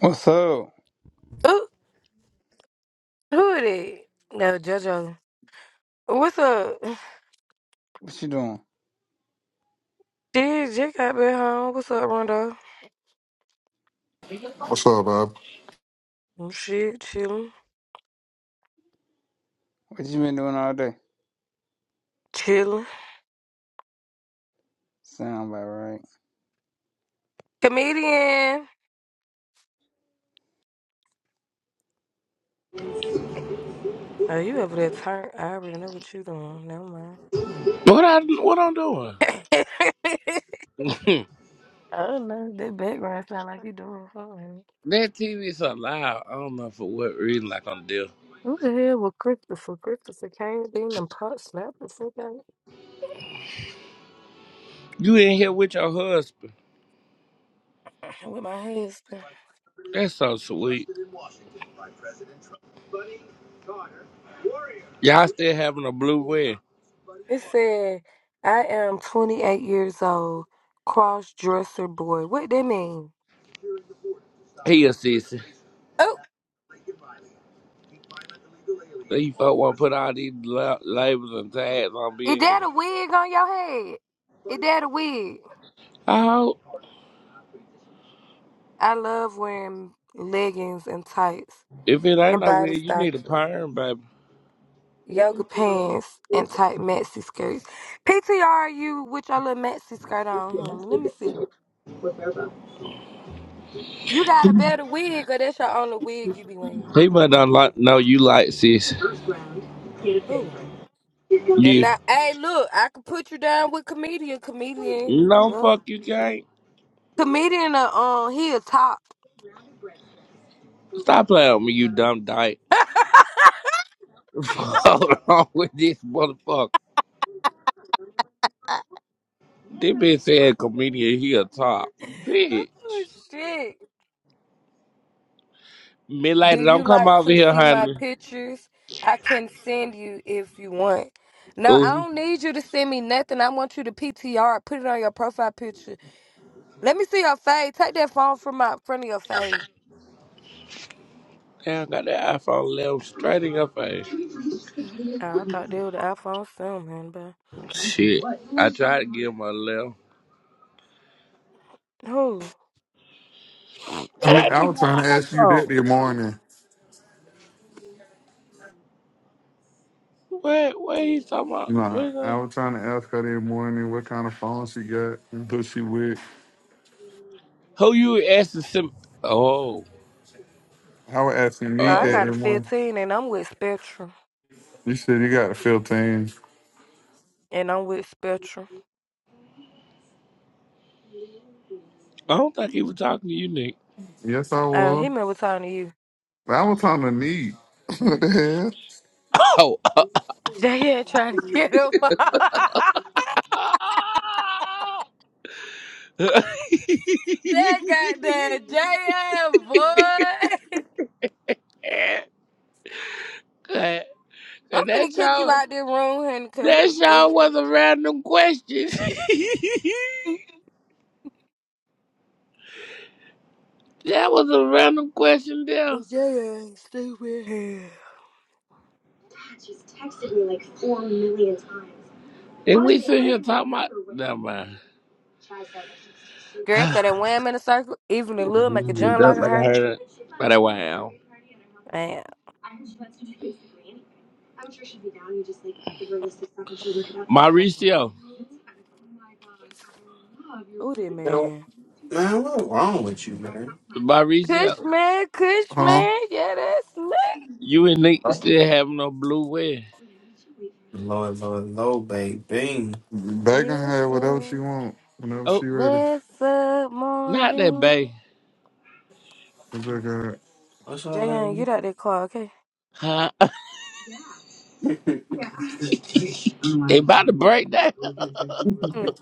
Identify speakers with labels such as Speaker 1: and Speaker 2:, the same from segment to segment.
Speaker 1: What's up?
Speaker 2: Who who it is? No, JoJo. What's up?
Speaker 1: What you doing?
Speaker 2: Shit, Jake got back home. What's up, Rondo?
Speaker 3: What's up, Bob?
Speaker 2: Mm, Shit, chillin',
Speaker 1: What you been doing all day?
Speaker 2: chillin'.
Speaker 1: Sound about right.
Speaker 2: Comedian. Oh, you over there turn? I already know what you doing. Never mind.
Speaker 4: What I what I'm doing? Hmm.
Speaker 2: oh no, that background sound like you doing fine.
Speaker 4: That TV so loud. I don't know for what reason. Like on the deal.
Speaker 2: Who the hell was Christopher? Christopher came in and pop slapped the fuck out
Speaker 4: You in here with your husband?
Speaker 2: of me with my husband.
Speaker 4: That's so sweet. Y'all still having a blue wedding?
Speaker 2: It said, "I am 28 years old, cross dresser boy." What that mean?
Speaker 4: He a sissy.
Speaker 2: Oh,
Speaker 4: These folk want to put all these la- labels and tags on
Speaker 2: Is
Speaker 4: being
Speaker 2: that a
Speaker 4: gay.
Speaker 2: wig on your head? Is that a wig?
Speaker 4: I hope
Speaker 2: I love wearing leggings and tights
Speaker 4: if it ain't
Speaker 2: and
Speaker 4: no
Speaker 2: body
Speaker 4: weird, you need a
Speaker 2: stockings,
Speaker 4: perm, baby.
Speaker 2: yoga pants and tight maxi skirts. PTR you with your little maxi skirt on, honey. Let me see. You got a better wig or that's your only wig you be wearing?
Speaker 4: People don't like know you like sis.
Speaker 2: Who? Then
Speaker 4: You
Speaker 2: not. hey, look, I could put you down with comedian, comedian,
Speaker 4: no
Speaker 2: yeah.
Speaker 4: fuck you can't.
Speaker 2: comedian. Uh, um, he a top.
Speaker 4: Stop playing with me, you dumb dyke. Hold on with this motherfucker. This bitch said comedian, he a top.
Speaker 2: Oh
Speaker 4: Bitch.
Speaker 2: shit. Do
Speaker 4: Midlighter, don't
Speaker 2: you
Speaker 4: come
Speaker 2: like
Speaker 4: over
Speaker 2: to
Speaker 4: here,
Speaker 2: see my
Speaker 4: honey.
Speaker 2: pictures? I can send you if you want. No, I
Speaker 4: Ooh,
Speaker 2: don't need you to send me nothing. I want you to PTR, put it on your profile picture. Let me see your face. Take that phone from my front of your face.
Speaker 4: damn, got that iPhone 11 straight in your face.
Speaker 2: Oh, I thought they were the iPhone 7, man, but
Speaker 4: Shit. I tried to give him a left.
Speaker 2: who? Oh,
Speaker 3: I mean,
Speaker 4: That ain't
Speaker 3: I
Speaker 4: even
Speaker 3: was
Speaker 4: no
Speaker 3: trying to ask you that
Speaker 4: iPhone.
Speaker 3: this morning.
Speaker 4: What? What he talking about? What
Speaker 3: Nah,
Speaker 4: is
Speaker 3: I
Speaker 4: that?
Speaker 3: was trying to ask her this morning what kind of phone she got and who she with.
Speaker 4: Who you asking? Sim- oh.
Speaker 3: I was asking Neat
Speaker 2: I
Speaker 3: that
Speaker 2: got
Speaker 3: this
Speaker 4: Oh.
Speaker 2: a
Speaker 3: morning.
Speaker 2: 15 and I'm with Spectrum.
Speaker 3: You said you got a 15.
Speaker 2: And I'm with Spectrum.
Speaker 4: I don't think he was talking to you, Nick.
Speaker 3: Yes, I
Speaker 2: Uh, he
Speaker 3: was.
Speaker 2: remember talking to you.
Speaker 3: But I was talking to Neat. what the
Speaker 4: Oh.
Speaker 2: JN trying to get him. that goddamn JN boy.
Speaker 4: Cut.
Speaker 2: I'm
Speaker 4: Cut that
Speaker 2: finna kick you
Speaker 4: all.
Speaker 2: out this room, honey, cause what
Speaker 4: That
Speaker 2: the
Speaker 4: show
Speaker 2: fuck?
Speaker 4: was a random question. that was a random question there.
Speaker 2: It's your ass stupid hair.
Speaker 4: And we sit here talking about never mind.
Speaker 2: Girl, that ain't wham in a circle, even a little make a
Speaker 4: You
Speaker 2: John like
Speaker 4: don't
Speaker 2: a
Speaker 4: make her
Speaker 2: herder.
Speaker 4: heard it. But I wow.
Speaker 2: Damn. Ooh,
Speaker 4: Mauricio.
Speaker 2: that
Speaker 5: Yo,
Speaker 2: man.
Speaker 5: man, what's wrong with you, man?
Speaker 2: Kush
Speaker 4: Mauricio.
Speaker 2: man, Kush
Speaker 3: hell? Huh?
Speaker 2: man. Yeah, that's me.
Speaker 4: You and Nick still have no blue wear.
Speaker 5: Lord, Lord, Lord, baby.
Speaker 3: Back on her
Speaker 2: What's
Speaker 3: whatever she
Speaker 2: up?
Speaker 3: want, whenever she
Speaker 4: Oh,
Speaker 3: ready.
Speaker 2: What's up,
Speaker 4: not that babe.
Speaker 2: Marvin?
Speaker 3: It's like, uh,
Speaker 5: What's
Speaker 2: Jayon, get
Speaker 5: wrong
Speaker 2: out that car, okay?
Speaker 4: Huh?
Speaker 5: man?
Speaker 4: It about to break down.
Speaker 2: Mm.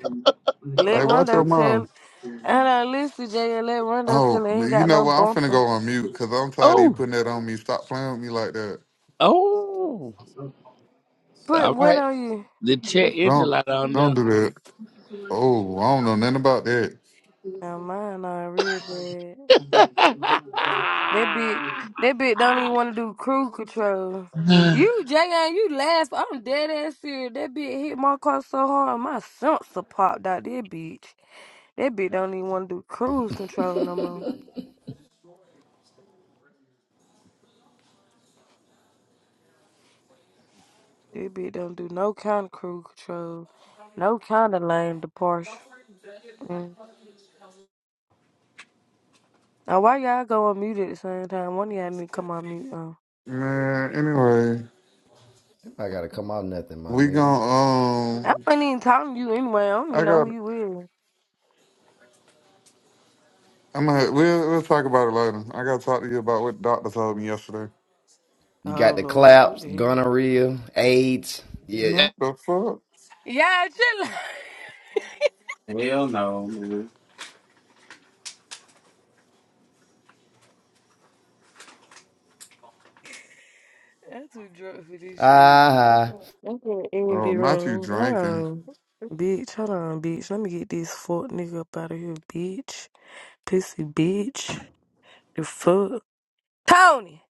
Speaker 2: Let
Speaker 3: hey, watch
Speaker 2: Rondo
Speaker 3: your mouth.
Speaker 2: tell. And I listen, Jayon, let Rondo tell.
Speaker 3: Oh,
Speaker 2: He ain't
Speaker 3: you
Speaker 2: got
Speaker 3: know
Speaker 2: no
Speaker 3: what? I'm finna
Speaker 2: bumper.
Speaker 3: go on mute because I'm tired of you
Speaker 4: Oh.
Speaker 3: putting that on me. Stop playing with me like that.
Speaker 4: Oh.
Speaker 2: Put
Speaker 4: All
Speaker 2: what
Speaker 4: right.
Speaker 2: on you?
Speaker 4: The check
Speaker 3: Don't
Speaker 4: Interlot on
Speaker 3: don't do that. Oh, I don't know nothing about that.
Speaker 2: Now mine on real bad. That bitch, that bitch don't even want to do cruise control.
Speaker 4: there.
Speaker 2: You, J.A., you laugh. I'm dead ass serious. That bitch hit my car so hard, my sensor popped out. That bitch, that bitch don't even want to do cruise control no more. That bitch don't do no kind of cruise control, no kind of lane departure. Mm. Now, why y'all go on mute at the same time? One of y'all need to come on mute. Oh.
Speaker 3: Man, anyway,
Speaker 6: I gotta come out nothing, my
Speaker 3: we
Speaker 6: nigga.
Speaker 3: gon'
Speaker 2: I
Speaker 3: um
Speaker 2: ain't even talking to you anyway. I don't even
Speaker 3: I
Speaker 2: know
Speaker 3: got
Speaker 2: who you is.
Speaker 3: I'm gonna we'll we'll talk about it later. I gotta talk to you about what the doctor told me yesterday.
Speaker 6: You
Speaker 2: Oh,
Speaker 6: got the
Speaker 2: Lord, what
Speaker 6: claps,
Speaker 2: the hell?
Speaker 6: gonorrhea, AIDS.
Speaker 3: You
Speaker 6: Yeah.
Speaker 3: know the fuck?
Speaker 2: Yeah, chill. out.
Speaker 5: Hell no, man.
Speaker 2: I'm too drunk for this shit.
Speaker 6: Uh-huh.
Speaker 2: I'm in the
Speaker 3: Oh,
Speaker 2: envy
Speaker 3: not you
Speaker 2: room. Hold
Speaker 3: drinking.
Speaker 2: on, bitch. Hold on, bitch. Let me get this fuck nigga up out of here, bitch. Pissy bitch. The fuck. Tony!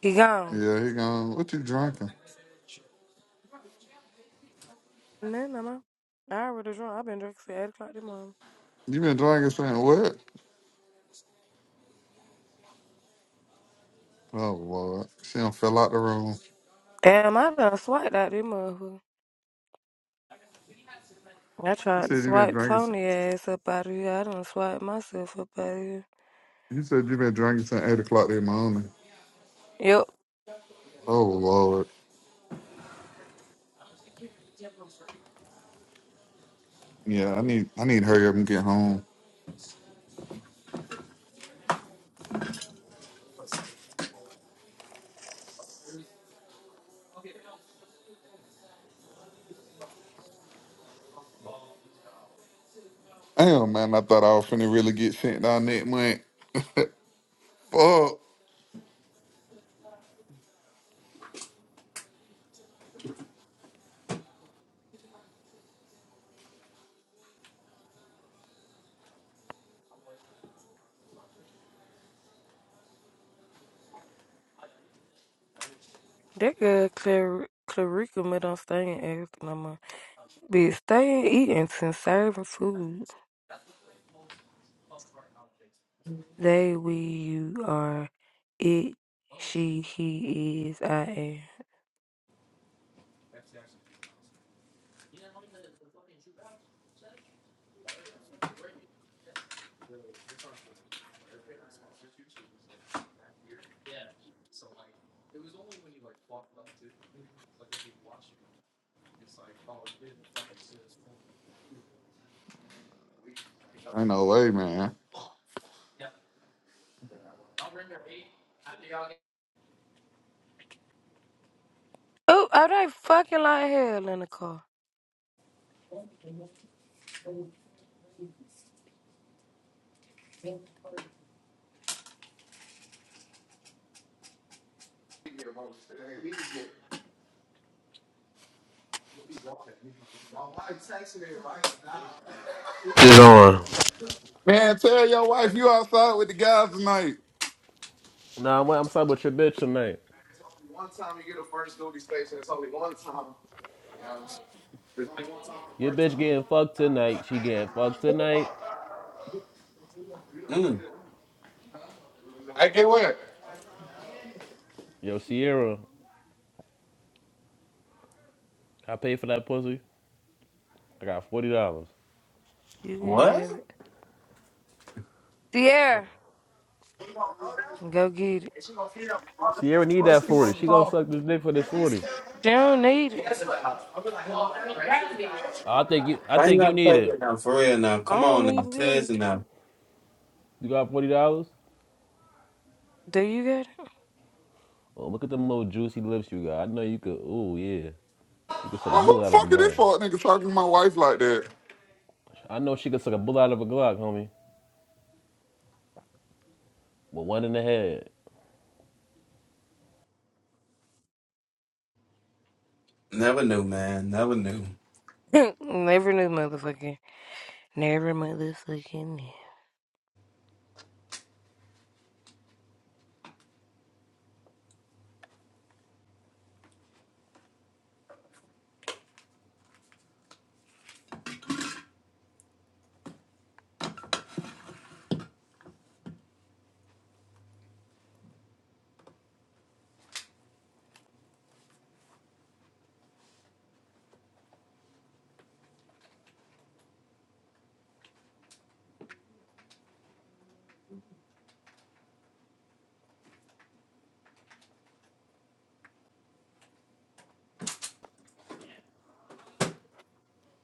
Speaker 2: He gone.
Speaker 3: Yeah, he gone, what you drinking?
Speaker 2: Nah, nah, man. I already drunk. I've been drinking since 8 o'clock this morning.
Speaker 3: You been drinking since what? Oh Lord. She done fell out the room.
Speaker 2: Damn, I done swiped out this motherfucker. I
Speaker 3: He
Speaker 2: tried to
Speaker 3: said you been
Speaker 2: swipe
Speaker 3: drinking since
Speaker 2: Tony ass up out of here. I done swiped myself up out of here.
Speaker 3: he said you been drinking since eight o'clock that morning.
Speaker 2: Yep.
Speaker 3: Oh Lord. Yeah, I need I need to hurry up and get home. Damn man, I thought I was finna really get sent down that month. Fuck.
Speaker 2: That girl, Clar- Clarica, me do done staying asking no more. Bitch, staying eating since serving food. They, we, you are, it, she, he is, I am.
Speaker 3: Ain't no way, man.
Speaker 2: Oh, I don't fucking like hell in the car.
Speaker 7: Shit on.
Speaker 3: Man, tell your wife you outside with the guys tonight.
Speaker 7: Nah, I'm, I'm talking about your bitch tonight. Your bitch getting fucked tonight. She getting fucked tonight.
Speaker 5: Mm,
Speaker 3: I get what?
Speaker 7: Yo, Sierra, I paid for that pussy. I got forty dollars.
Speaker 2: You can
Speaker 5: what?
Speaker 2: have it. Sierra, go get it.
Speaker 7: Sierra need that forty. She gonna suck this dick for this forty.
Speaker 2: She don't need it.
Speaker 7: I think you. I
Speaker 5: I ain't
Speaker 7: think you
Speaker 5: got
Speaker 7: need
Speaker 5: play with
Speaker 7: it.
Speaker 5: now. For real now.
Speaker 2: I
Speaker 5: Come
Speaker 2: don't
Speaker 5: on now.
Speaker 2: need it either.
Speaker 5: Cousin now.
Speaker 7: You got forty dollars?
Speaker 2: Do you got
Speaker 7: Oh, look at them little juicy lips you got. I know you could. Oh yeah, you could suck a
Speaker 3: Well, who
Speaker 7: bullet
Speaker 3: the
Speaker 7: out of a
Speaker 3: fuck is this
Speaker 7: gun.
Speaker 3: fuck nigga talking to my wife like that?
Speaker 7: I know she could suck a bullet out of a Glock, homie. With one in the head.
Speaker 5: Never knew, man. Never knew.
Speaker 2: it? Never knew motherfucking. Never motherfucking knew.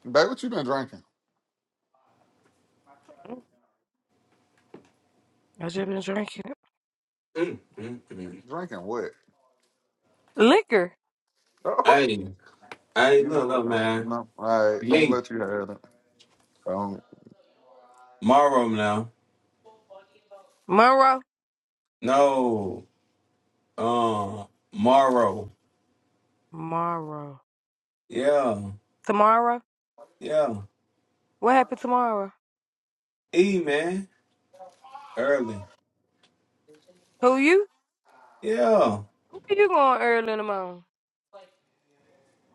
Speaker 3: Babe, what you been drinking?
Speaker 2: I just been drinking
Speaker 5: Mm, mm, mm.
Speaker 3: Drinking what?
Speaker 2: liquor.
Speaker 3: Uh, who you?
Speaker 5: Hey, hey,
Speaker 3: You
Speaker 5: look
Speaker 3: know,
Speaker 5: up,
Speaker 3: uh,
Speaker 5: man.
Speaker 3: no. All right, I'm gonna
Speaker 5: Lee.
Speaker 3: let you have it. Um,
Speaker 5: Morrow now.
Speaker 2: Monroe.
Speaker 5: No. Uh, Morrow.
Speaker 2: Tomorrow.
Speaker 5: Yeah.
Speaker 2: Tomorrow?
Speaker 5: Yeah.
Speaker 2: What happened tomorrow?
Speaker 5: E, man. Early.
Speaker 2: Who you?
Speaker 5: Yeah.
Speaker 2: Who you going early in the morning?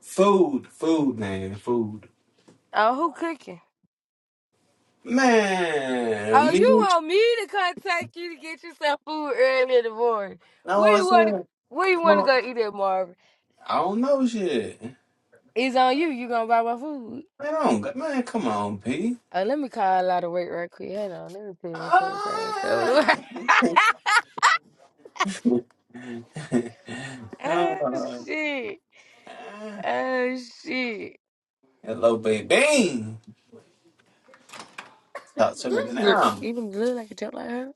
Speaker 5: Food, food, man, food.
Speaker 2: Oh, who cooking? Oh,
Speaker 5: Man, me,
Speaker 2: you
Speaker 5: know
Speaker 2: want me to contact you to get yourself food early in the morning? Where
Speaker 5: what I'm
Speaker 2: you want to?
Speaker 5: saying?
Speaker 2: Where you want to
Speaker 5: No,
Speaker 2: go eat at, Marvin?
Speaker 5: I don't know shit. Man,
Speaker 2: It's on you. You gonna buy my food?
Speaker 5: I don't, got- man, come on, P.
Speaker 2: Oh, let me call out of work right quick. Hold on. Let me see one place I ain't go to.
Speaker 5: Ah.
Speaker 2: work. oh shit!
Speaker 5: Ah.
Speaker 2: Oh shit!
Speaker 5: Hello, baby.
Speaker 2: That
Speaker 5: Talk to me
Speaker 3: this
Speaker 2: women suck it.
Speaker 3: nigga.
Speaker 5: now.
Speaker 2: Even look like a joke like her.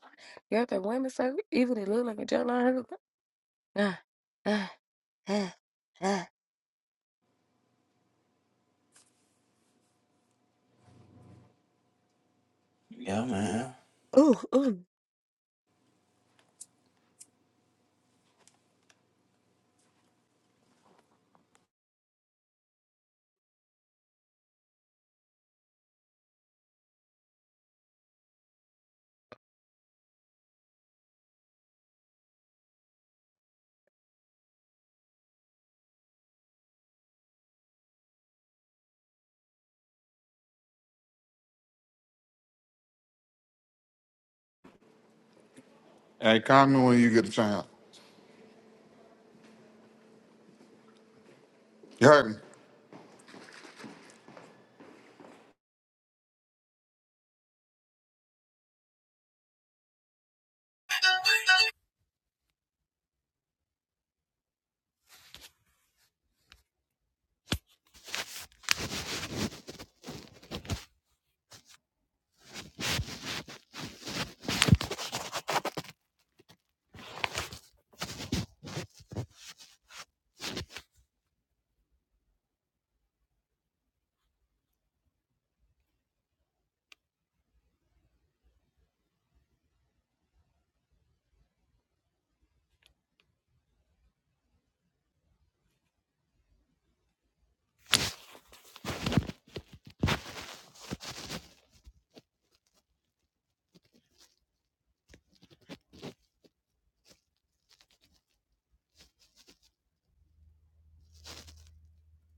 Speaker 2: You heard that women suck Even they look like a joke like her. Ah, ah, ah, ah.
Speaker 5: Yeah, man.
Speaker 2: Ooh, ooh.
Speaker 3: Hey, call me when you get a chance. You heard me?